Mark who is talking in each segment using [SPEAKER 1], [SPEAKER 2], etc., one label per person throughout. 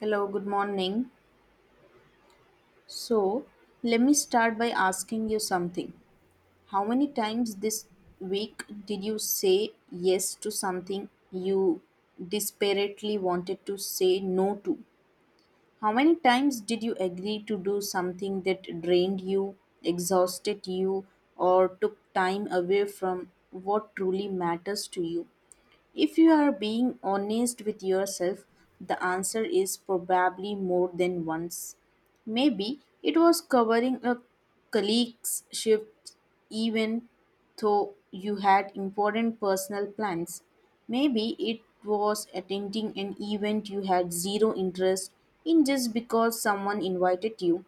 [SPEAKER 1] Hello, good morning. So, let me start by asking you something. How many times this week did you say yes to something you desperately wanted to say no to? How many times did you agree to do something that drained you, exhausted you, or took time away from what truly matters to you? If you are being honest with yourself, the answer is probably more than once. Maybe it was covering a colleague's shift even though you had important personal plans. Maybe it was attending an event you had zero interest in just because someone invited you.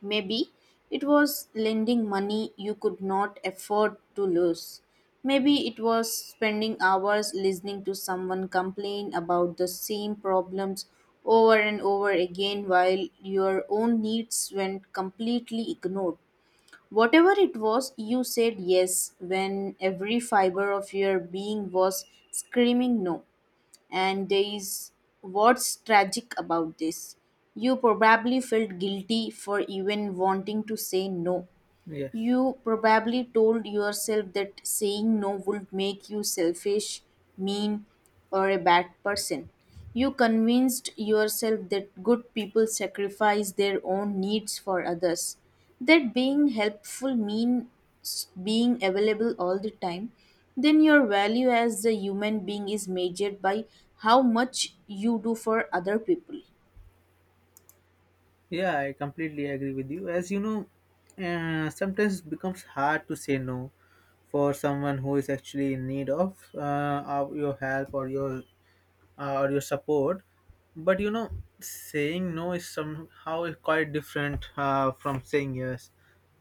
[SPEAKER 1] Maybe it was lending money you could not afford to lose. Maybe it was spending hours listening to someone complain about the same problems over and over again while your own needs went completely ignored. Whatever it was, you said yes when every fiber of your being was screaming no. And there is what's tragic about this. You probably felt guilty for even wanting to say no.
[SPEAKER 2] Yes.
[SPEAKER 1] You probably told yourself that saying no would make you selfish, mean, or a bad person. You convinced yourself that good people sacrifice their own needs for others, that being helpful means being available all the time. Then, your value as a human being is measured by how much you do for other people.
[SPEAKER 2] Yeah, I completely agree with you. As you know, sometimes it becomes hard to say no for someone who is actually in need of your help or your support. But you know, saying no is somehow quite different from saying yes.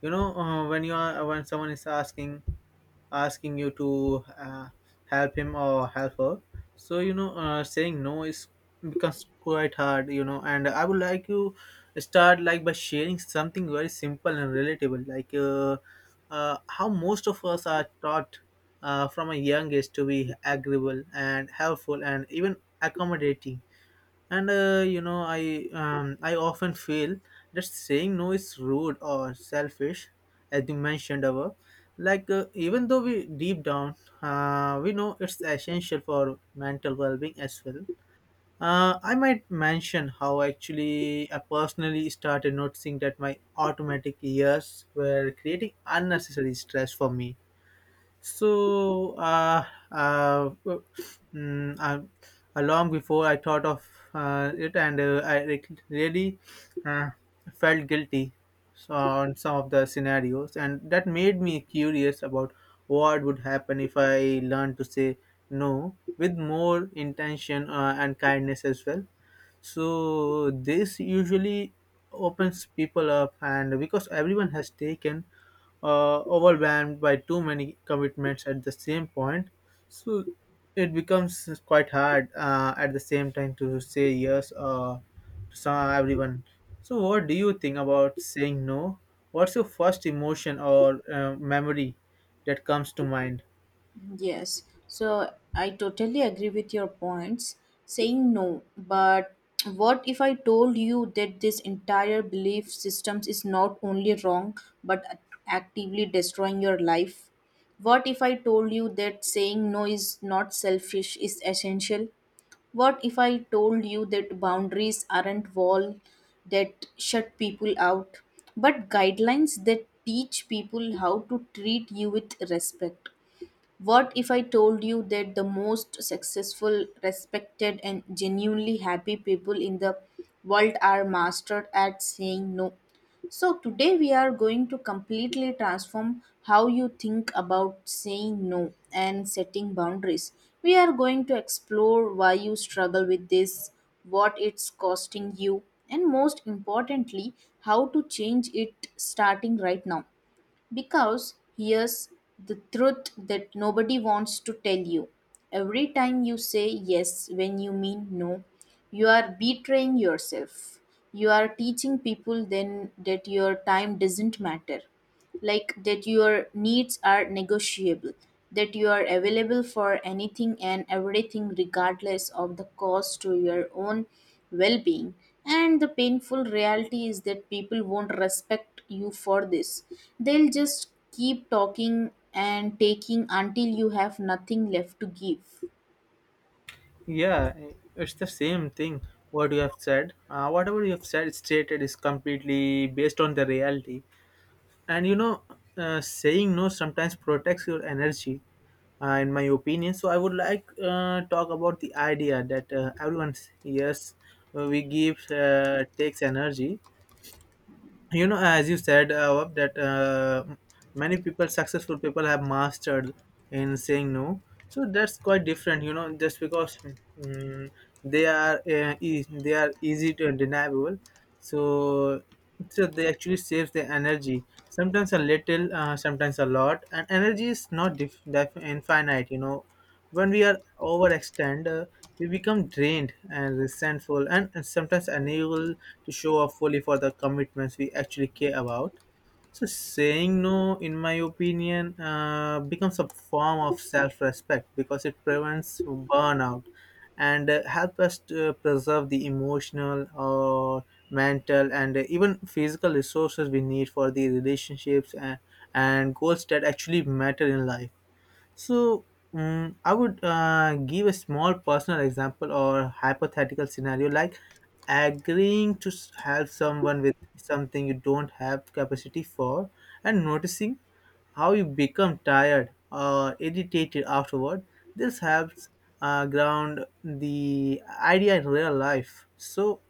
[SPEAKER 2] You know, when you are when someone is asking you to help him or help her so you know saying no is becomes quite hard, you know. And I would like you start like by sharing something very simple and relatable, like how most of us are taught from a young age to be agreeable and helpful and even accommodating, and you know I often feel that saying no is rude or selfish, as you mentioned above, like even though we, deep down, we know it's essential for mental well-being as well. I might mention how actually I personally started noticing that my automatic years were creating unnecessary stress for me. so, uh, uh, w- mm, uh, Long before I thought of it, and I really uh, felt guilty so on some of the scenarios, and that made me curious about what would happen if I learned to say no with more intention, and kindness as well. So, this usually opens people up, and because everyone has taken overwhelmed by too many commitments at the same point. So it becomes quite hard at the same time to say yes, to some, everyone. So, what do you think about saying no? What's your first emotion or memory that comes to mind?
[SPEAKER 1] Yes, so I totally agree with your points. Saying no, but what if I told you that this entire belief systems is not only wrong but actively destroying your life? What if I told you that saying no is not selfish is essential? What if I told you that boundaries aren't wall that shut people out, but guidelines that teach people how to treat you with respect? What if I told you that the most successful, respected, and genuinely happy people in the world are mastered at saying no? So, today we are going to completely transform how you think about saying no and setting boundaries. We are going to explore why you struggle with this, what it's costing you, and most importantly, how to change it starting right now. Because here's the truth that nobody wants to tell you. Every time you say yes when you mean no, you are betraying yourself. You are teaching people then that your time doesn't matter, like that your needs are negotiable, that you are available for anything and everything regardless of the cost to your own well-being. And the painful reality is that people won't respect you for this. They'll just keep talking and taking until you have nothing left to give.
[SPEAKER 2] Yeah, it's the same thing. What you have said, whatever you have said, stated, is completely based on the reality. And you know, saying no sometimes protects your energy, in my opinion. So I would like talk about the idea that everyone, yes, we give takes energy. You know, as you said, that many people successful people have mastered in saying no, so that's quite different, you know, just because, mm they are they are easy to undeniable. So so they actually save their energy, sometimes a little, sometimes a lot, and energy is not infinite, you know. When we are overextend, we become drained and resentful, and sometimes unable to show up fully for the commitments we actually care about. So, saying no, in my opinion, becomes a form of self respect because it prevents burnout and helps us to preserve the emotional or mental and even physical resources we need for the relationships and goals that actually matter in life. So, I would give a small personal example or hypothetical scenario, like agreeing to help someone with something you don't have capacity for and noticing how you become tired or irritated afterward. This helps ground the idea in real life. So,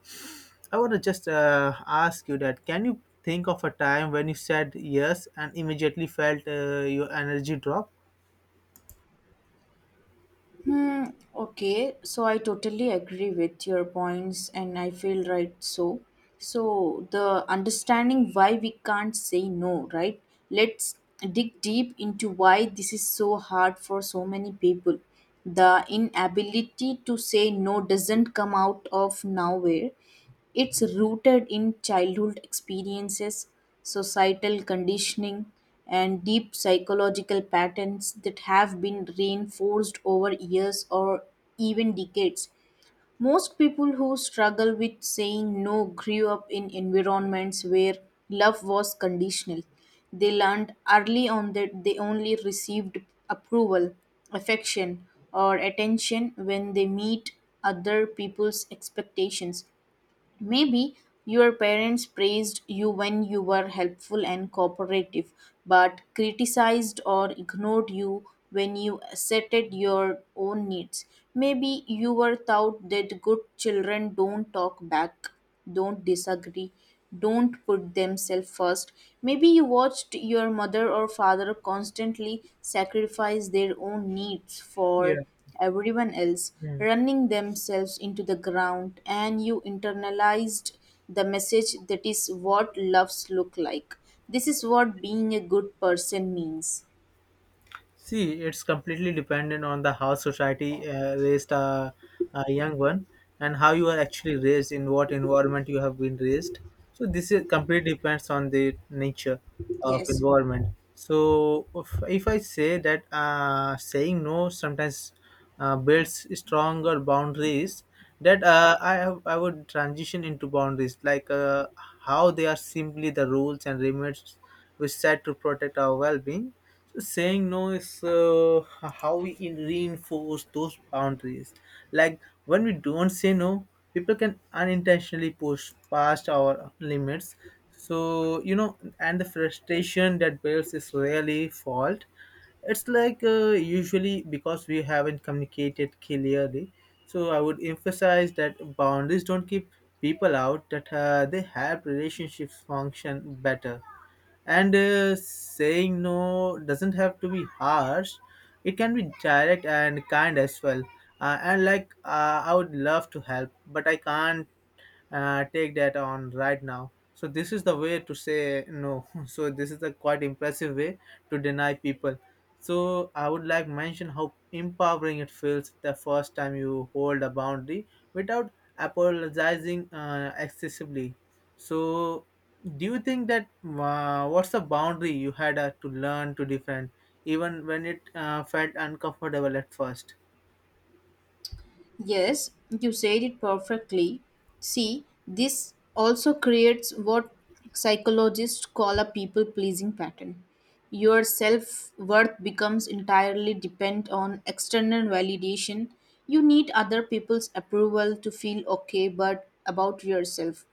[SPEAKER 2] I want to just ask you that can you think of a time when you said yes and immediately felt your energy drop?
[SPEAKER 1] Hmm, okay, so I totally agree with your points, and I feel right so. So, the understanding why we can't say no, right? Let's dig deep into why this is so hard for so many people. The inability to say no doesn't come out of nowhere, it's rooted in childhood experiences, societal conditioning, and deep psychological patterns that have been reinforced over years or even decades. Most people who struggle with saying no grew up in environments where love was conditional. They learned early on that they only received approval, affection, or attention when they meet other people's expectations. Maybe your parents praised you when you were helpful and cooperative, but criticized or ignored you when you asserted your own needs. Maybe you were taught that good children don't talk back, don't disagree, don't put themselves first. Maybe you watched your mother or father constantly sacrifice their own needs for
[SPEAKER 2] Yeah.
[SPEAKER 1] everyone else,
[SPEAKER 2] Mm.
[SPEAKER 1] running themselves into the ground, and you internalized the message that is what loves look like. This is what being a good person means.
[SPEAKER 2] See, it's completely dependent on the how society raised a young one, and how you are actually raised, in what environment you have been raised. So this is completely depends on the nature of
[SPEAKER 1] Yes.
[SPEAKER 2] environment. So if I say that saying no sometimes builds stronger boundaries, that I would transition into boundaries, like how they are simply the rules and limits we set to protect our well-being. Saying no is how we reinforce those boundaries, like when we don't say no, people can unintentionally push past our limits. So you know, and the frustration that builds is rarely fault. It's like usually because we haven't communicated clearly. So I would emphasize that boundaries don't keep people out, that they help relationships function better, and saying no doesn't have to be harsh, it can be direct and kind as well. And like I would love to help, but I can't take that on right now. So this is the way to say no. So this is a quite impressive way to deny people. So I would like mention how empowering it feels the first time you hold a boundary without apologizing excessively. So do you think that, what's the boundary you had to learn to defend even when it felt uncomfortable at first?
[SPEAKER 1] Yes, you said it perfectly. See, this also creates what psychologists call a people pleasing pattern. Your self worth becomes entirely dependent on external validation. You need other people's approval to feel okay but about yourself.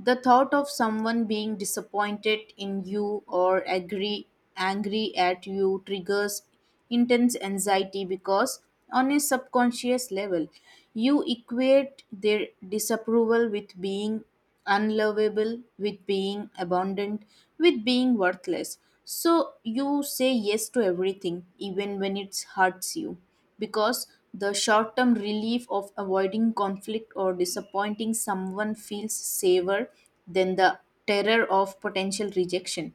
[SPEAKER 1] The thought of someone being disappointed in you or agree, angry at you triggers intense anxiety because, on a subconscious level, you equate their disapproval with being unlovable, with being abandoned, with being worthless. So you say yes to everything, even when it hurts you because the short term relief of avoiding conflict or disappointing someone feels safer than the terror of potential rejection.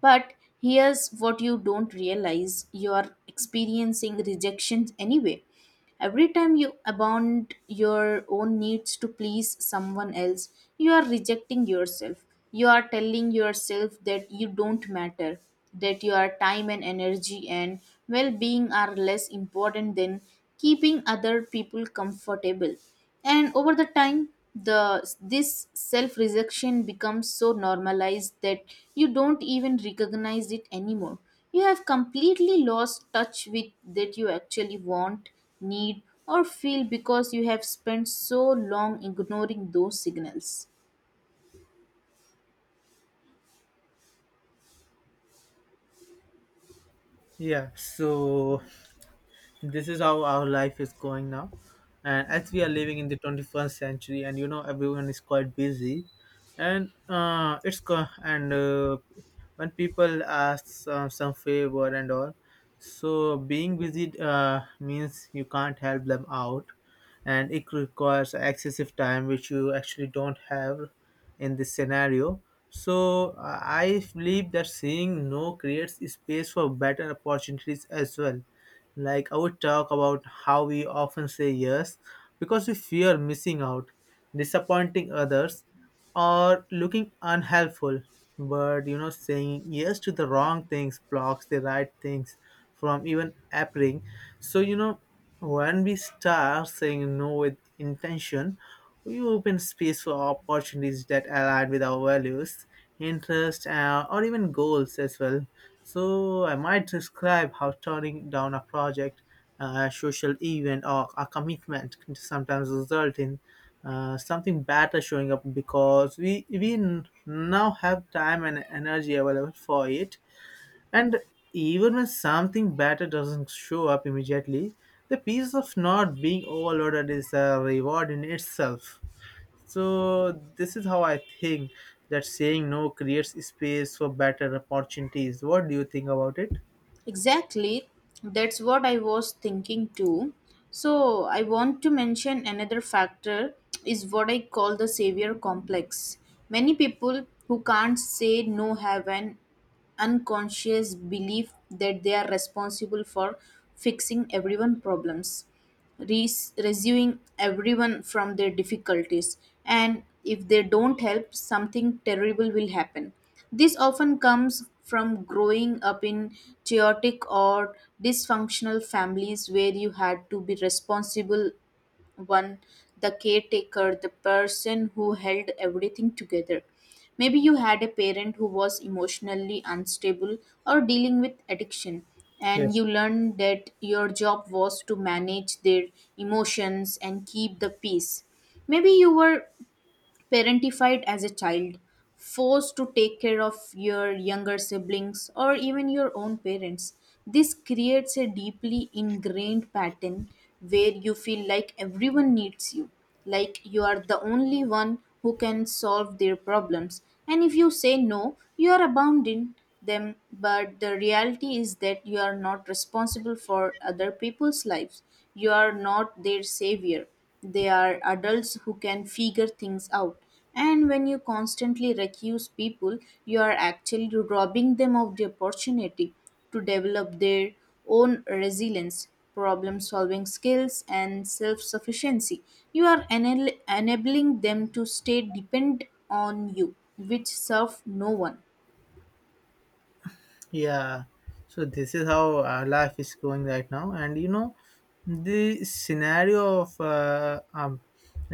[SPEAKER 1] But here's what you don't realize, you are experiencing rejection anyway. Every time you abound your own needs to please someone else, you are rejecting yourself. You are telling yourself that you don't matter, that your time and energy and well being are less important than keeping other people comfortable. And over the time, the this self rejection becomes so normalized that you don't even recognize it anymore. You have completely lost touch with that you actually want, need, or feel because you have spent so long ignoring those signals.
[SPEAKER 2] Yeah, so this is how our life is going now, and as we are living in the 21st century, and you know everyone is quite busy, and when people ask some favor and all, so being busy means you can't help them out, and it requires excessive time which you actually don't have in this scenario. So I believe that saying no creates space for better opportunities as well. Like I would talk about how we often say yes because we fear missing out, disappointing others, or looking unhelpful. But you know, saying yes to the wrong things blocks the right things from even appearing. So you know. When we start saying no with intention, we open space for opportunities that align with our values, interests, or even goals as well. So, I might describe how turning down a project, a social event, or a commitment can sometimes result in something better showing up because we now have time and energy available for it. And even when something better doesn't show up immediately, the peace of not being overloaded is a reward in itself. So, this is how I think that saying no creates space for better opportunities. What do you think about it?
[SPEAKER 1] Exactly, that's what I was thinking too. So, I want to mention another factor is what I call the savior complex. Many people who can't say no have an unconscious belief that they are responsible for fixing everyone's problems, rescuing everyone from their difficulties. And if they don't help, something terrible will happen. This often comes from growing up in chaotic or dysfunctional families where you had to be responsible one, the caretaker, the person who held everything together. Maybe you had a parent who was emotionally unstable or dealing with addiction, and
[SPEAKER 2] Yes.
[SPEAKER 1] you learned that your job was to manage their emotions and keep the peace. Maybe you were parentified as a child, forced to take care of your younger siblings or even your own parents. This creates a deeply ingrained pattern where you feel like everyone needs you, like you are the only one who can solve their problems. And if you say no, you are abounding them. But the reality is that you are not responsible for other people's lives. You are not their savior. They are adults who can figure things out. And when you constantly recuse people, you are actually robbing them of the opportunity to develop their own resilience, problem solving skills, and self sufficiency. You are enabling them to stay dependent on you, which serve no one.
[SPEAKER 2] Yeah, so this is how life is going right now, and you know, the scenario of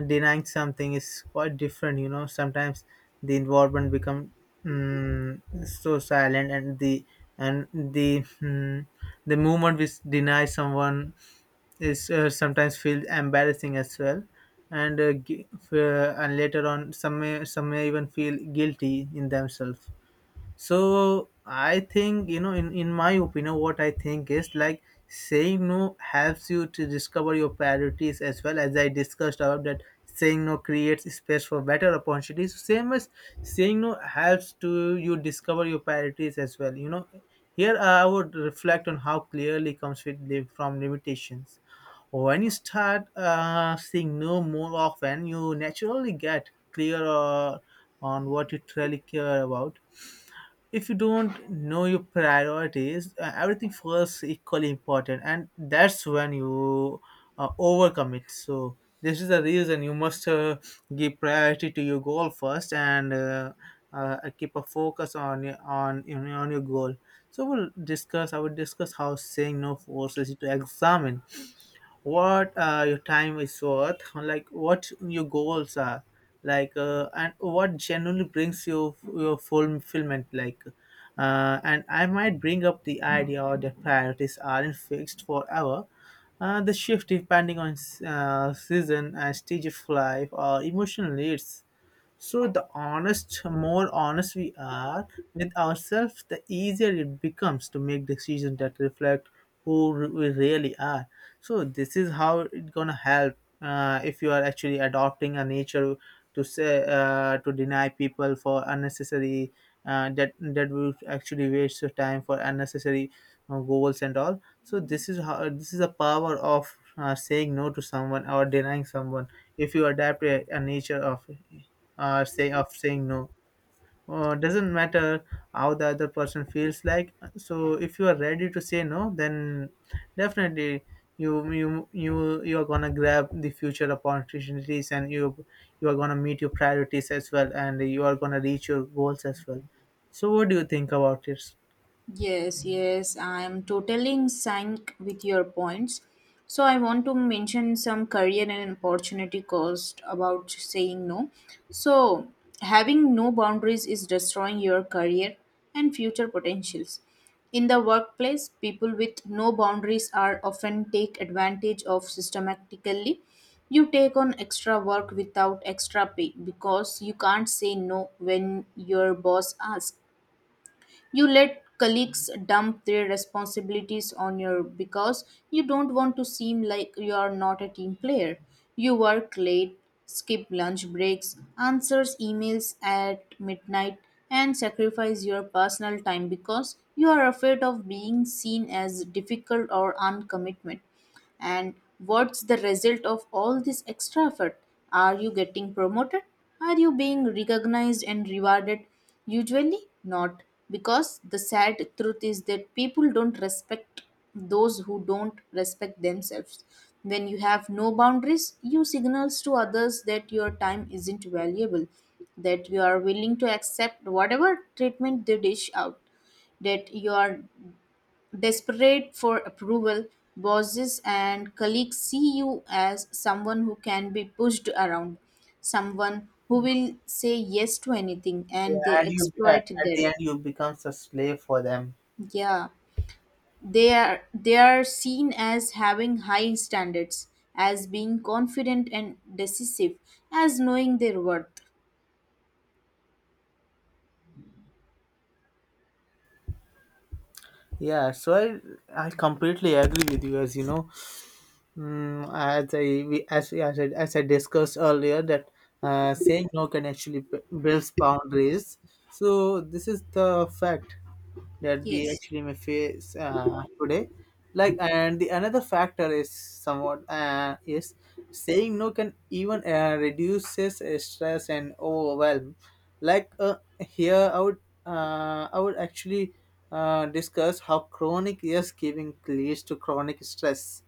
[SPEAKER 2] denying something is quite different. You know, sometimes the involvement become so silent, and the the movement which denies someone is sometimes feel embarrassing as well, and and later on some may even feel guilty in themselves. So I think, you know, in my opinion, what I think is like saying no helps you to discover your priorities as well. As I discussed about that saying no creates space for better opportunities, same as saying no helps to you discover your priorities as well. You know, here I would reflect on how clearly comes with live from limitations. When you start saying no more often, you naturally get clearer on what you truly care about. If you don't know your priorities, everything feels equally important, and that's when you overcome it. So this is the reason you must give priority to your goal first, and keep a focus on your- on, you know, on your goal. So we'll discuss I will discuss how saying no forces you to examine what your time is worth, like what your goals are, like, and what generally brings you your fulfillment, like, and I might bring up the idea or that priorities aren't fixed forever, the shift depending on season and stage of life or emotional needs. So the honest, more honest we are with ourselves, the easier it becomes to make decisions that reflect who we really are. So this is how it's gonna help if you are actually adopting a nature to say to deny people for unnecessary, that will actually waste your time for unnecessary goals and all. So this is how, this is the power of saying no to someone or denying someone if you adapt a nature of it, saying no. Doesn't matter how the other person feels like. So if you are ready to say no, then definitely you are gonna grab the future opportunities, and you are gonna meet your priorities as well, and you are gonna reach your goals as well. So what do you think about it?
[SPEAKER 1] Yes, yes, I'm totally in sync with your points. So I want to mention some career and opportunity cost about saying no. So having no boundaries is destroying your career and future potentials. In the workplace, people with no boundaries are often take advantage of systematically. You take on extra work without extra pay because you can't say no when your boss asks. You let colleagues dump their responsibilities on you because you don't want to seem like you are not a team player. You work late, skip lunch breaks, answers emails at midnight, and sacrifice your personal time because you are afraid of being seen as difficult or uncommitment. And what's the result of all this extra effort? Are you getting promoted? Are you being recognized and rewarded? Usually not, because the sad truth is that people don't respect those who don't respect themselves. When you have no boundaries, you signals to others that your time isn't valuable, that you are willing to accept whatever treatment they dish out, that you are desperate for approval. Bosses and colleagues see you as someone who can be pushed around, someone who will say yes to anything,
[SPEAKER 2] Yeah,
[SPEAKER 1] and they
[SPEAKER 2] and you
[SPEAKER 1] exploit
[SPEAKER 2] at
[SPEAKER 1] that.
[SPEAKER 2] the end you becomes a slave for them.
[SPEAKER 1] Yeah, they are, they are seen as having high standards, as being confident and decisive, as knowing their worth.
[SPEAKER 2] Yeah, so I completely agree with you. As you know, Mm, as I we- as I discussed earlier that saying no can actually builds boundaries. So this is the fact that we
[SPEAKER 1] Yes.
[SPEAKER 2] actually may face today. Like, and the another factor is somewhat is saying no can even reduces stress and overwhelm. Like here, I would I would actually discuss how chronic yes giving leads to chronic stress,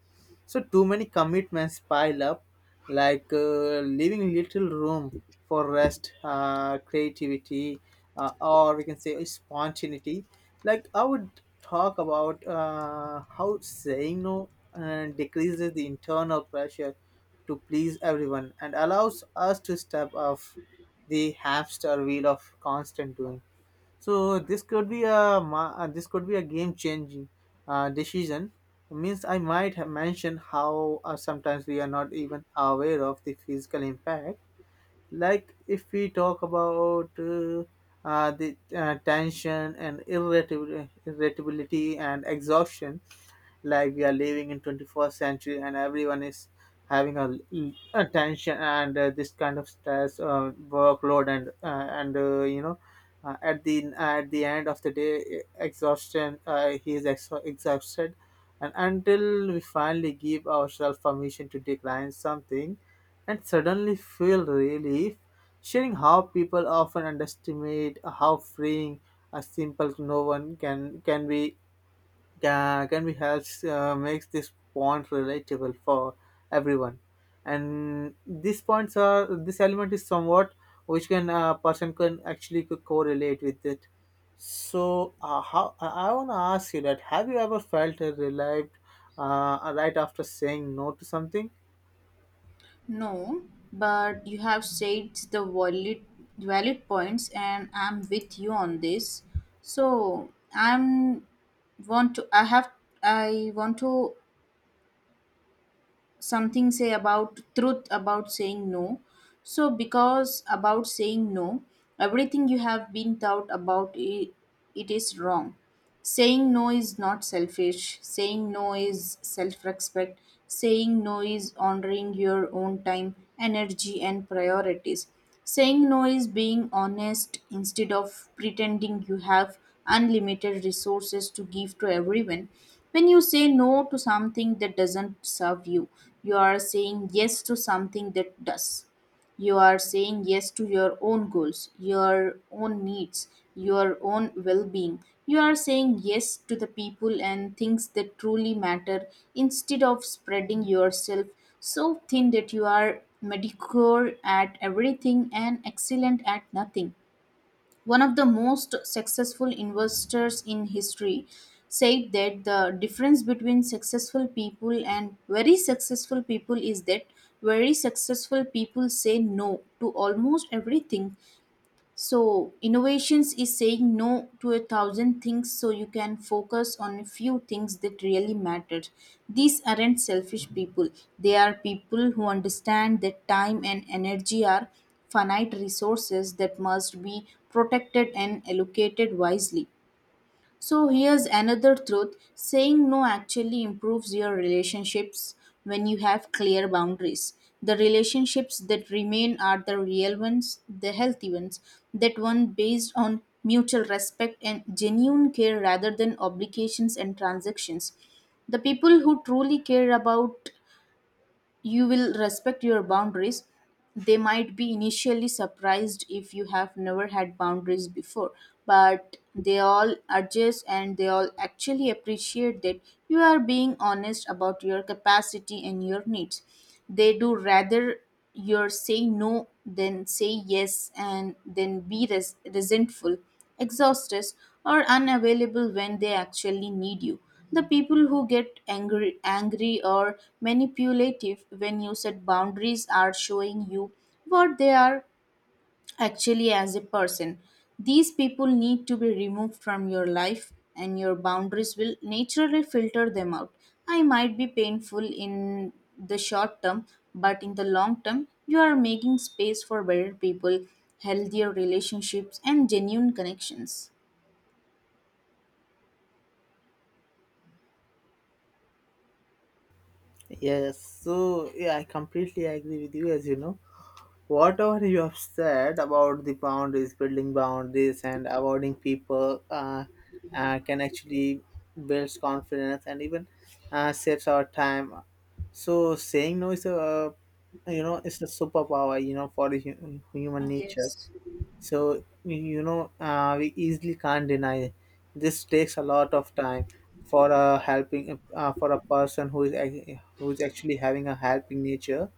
[SPEAKER 2] so too many commitments pile up, like leaving little room for rest, creativity, or we can say spontaneity. Like I would talk about how saying no decreases the internal pressure to please everyone and allows us to step off the hamster wheel of constant doing. So this could be a this could be a game changing decision. Means I might have mentioned how sometimes we are not even aware of the physical impact, like if we talk about the tension and irritability and exhaustion. Like we are living in 21st century and everyone is having a, a tension and this kind of stress, workload, and at the end of the day, exhaustion, he is exhausted, and until we finally give ourselves permission to decline something and suddenly feel relief, sharing how people often underestimate how freeing a simple no one can be helps makes this point relatable for everyone. And these points are, this element is somewhat which can person can actually correlate with it. So how I want to ask you that, have you ever felt relieved right after saying no to something?
[SPEAKER 1] No, but you have stated the valid points and I'm with you on this. So want to I have I want to something say about truth about saying no. So because about saying no, everything you have been taught about it, it is wrong. Saying no is not selfish. Saying no is self respect. Saying no is honoring your own time, energy, and priorities. Saying no is being honest instead of pretending you have unlimited resources to give to everyone. When you say no to something that doesn't serve you, you are saying yes to something that does. You are saying yes to your own goals, your own needs, your own well being. You are saying yes to the people and things that truly matter instead of spreading yourself so thin that you are mediocre at everything and excellent at nothing. One of the most successful investors in history, said that the difference between successful people and very successful people is that very successful people say no to almost everything. So innovations is saying no to a thousand things so you can focus on a few things that really matter. These aren't selfish people. They are people who understand that time and energy are finite resources that must be protected and allocated wisely. So here's another truth, saying no actually improves your relationships when you have clear boundaries. The relationships that remain are the real ones, the healthy ones, that one based on mutual respect and genuine care rather than obligations and transactions. The people who truly care about you will respect your boundaries. They might be initially surprised if you have never had boundaries before, but they all adjust and they all actually appreciate that you are being honest about your capacity and your needs. They do rather you're saying no, then say yes, and then be resentful, exhausted, or unavailable when they actually need you. The people who get angry or manipulative when you set boundaries are showing you what they are actually as a person. These people need to be removed from your life, and your boundaries will naturally filter them out. I might be painful in the short term, but in the long term, you are making space for better people, healthier relationships, and genuine connections.
[SPEAKER 2] Yes, so yeah, I completely agree with you. As you know, whatever you have said about the boundaries, building boundaries, and avoiding people, can actually builds confidence and even saves our time. So saying no is a, you know, it's a superpower, you know, for the human nature.
[SPEAKER 1] Yes.
[SPEAKER 2] So you know, we easily can't deny, this takes a lot of time for a helping for a person who is who is actually having a helping nature.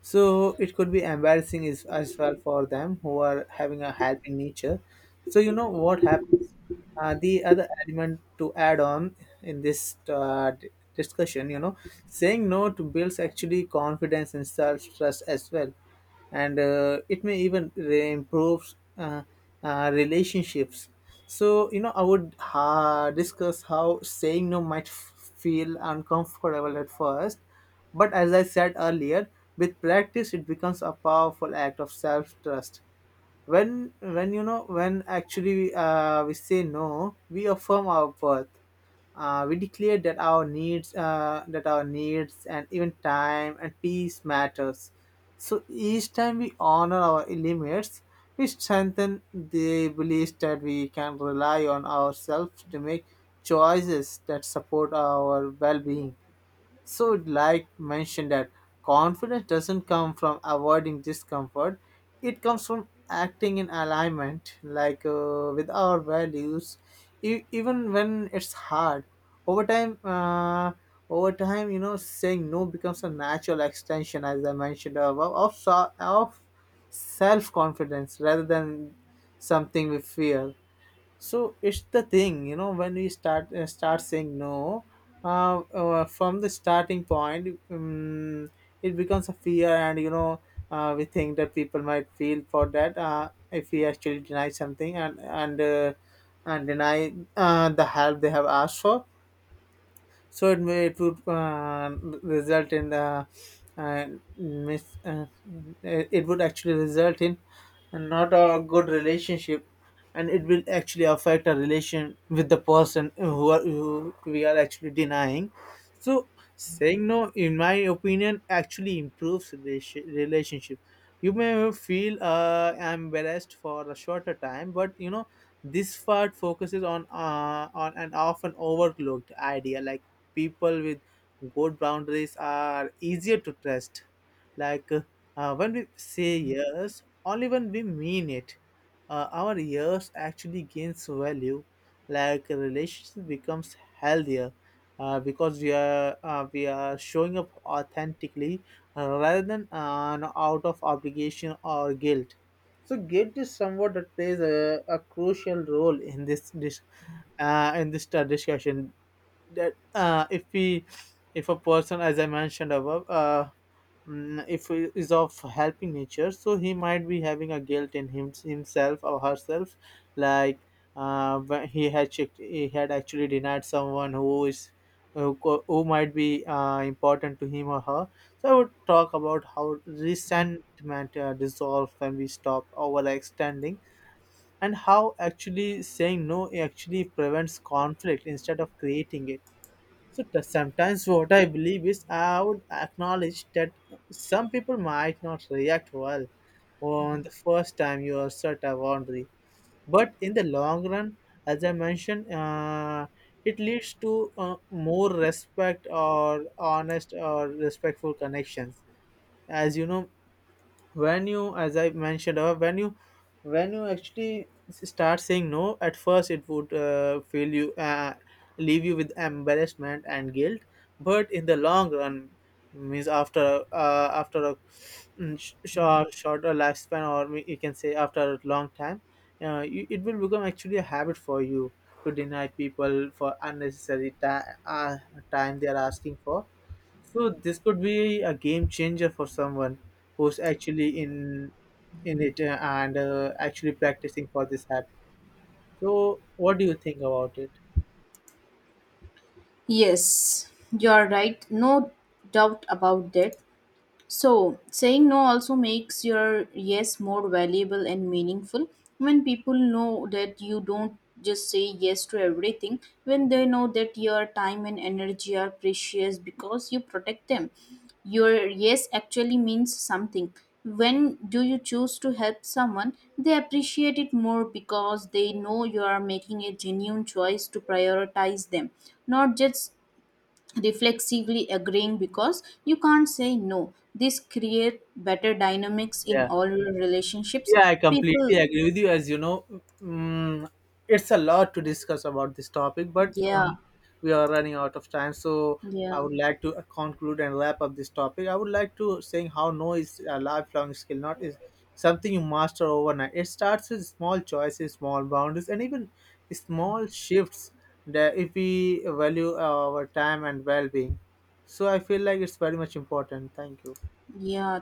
[SPEAKER 2] So it could be embarrassing is, as well, for them who are having a healthy nature. So you know what happens, the other element to add on in this discussion, you know, saying no to builds actually confidence and self-trust as well, and it may even improve relationships. So you know, I would discuss how saying no might feel uncomfortable at first, but as I said earlier, with practice it becomes a powerful act of self-trust. When you know when actually we say no, we affirm our worth. We declare that our needs and even time and peace matters. So each time we honor our limits, we strengthen the belief that we can rely on ourselves to make choices that support our well-being. So, like mentioned, that confidence doesn't come from avoiding discomfort; it comes from acting in alignment, like with our values, even when it's hard. Over time, uh, over time, you know, saying no becomes a natural extension, as I mentioned above, of self confidence rather than something we fear. So it's the thing, you know, when we start saying no, from the starting point, it becomes a fear. And you know, we think that people might feel for that, if we actually deny something, and deny the help they have asked for. So it may, it would result in the uh, mis- uh, it would actually result in and not a good relationship, and it will actually affect our relation with the person who, are, who we are actually denying. So saying no, in my opinion, actually improves relationship. You may feel embarrassed for a shorter time, but you know, this part focuses on an often overlooked idea, like people with good boundaries are easier to trust. Like when we say yes or even we mean it. Our years actually gains value, like relationship becomes healthier because we are, we are showing up authentically rather than out of obligation or guilt. So guilt is somewhat that plays a crucial role in this discussion. That if we, if a person, as I mentioned above, if he is of helping nature, so he might be having a guilt in him, himself or herself. Like when he had checked, he had actually denied someone who is, who, who might be important to him or her. So I would talk about how resentment dissolves when we stop overextending, and how actually saying no actually prevents conflict instead of creating it. So sometimes what I believe is, I would acknowledge that some people might not react well on the first time you assert a boundary, but in the long run, as I mentioned, it leads to more respect or honest or respectful connections. As you know, when you, as I mentioned, when you when you actually start saying no, at first it would feel you leave you with embarrassment and guilt, but in the long run, means after after a, shorter lifespan, or you can say after a long time, you, it will become actually a habit for you to deny people for unnecessary time they are asking for. So this could be a game changer for someone who's actually in it, and actually practicing for this app. So what do you think about it?
[SPEAKER 1] Yes, you are right. No doubt about that. So, saying no also makes your yes more valuable and meaningful. When people know that you don't just say yes to everything, when they know that your time and energy are precious because you protect them, your yes actually means something. When do you choose to help someone, they appreciate it more because they know you are making a genuine choice to prioritize them, not just reflexively agreeing because you can't say no. This create better dynamics in
[SPEAKER 2] Yeah.
[SPEAKER 1] all your relationships
[SPEAKER 2] Yeah, I
[SPEAKER 1] people.
[SPEAKER 2] completely agree with you. As you know, mm, it's a lot to discuss about this topic, but
[SPEAKER 1] Yeah,
[SPEAKER 2] we are running out of time. So I
[SPEAKER 1] yeah,
[SPEAKER 2] would like to conclude and wrap up this topic. I would like to saying how no is a lifelong skill, not is something you master overnight. It starts with small choices, small boundaries, and even small shifts. That if we value our time and well-being, so I feel like it's very much important. Thank you.
[SPEAKER 1] yeah.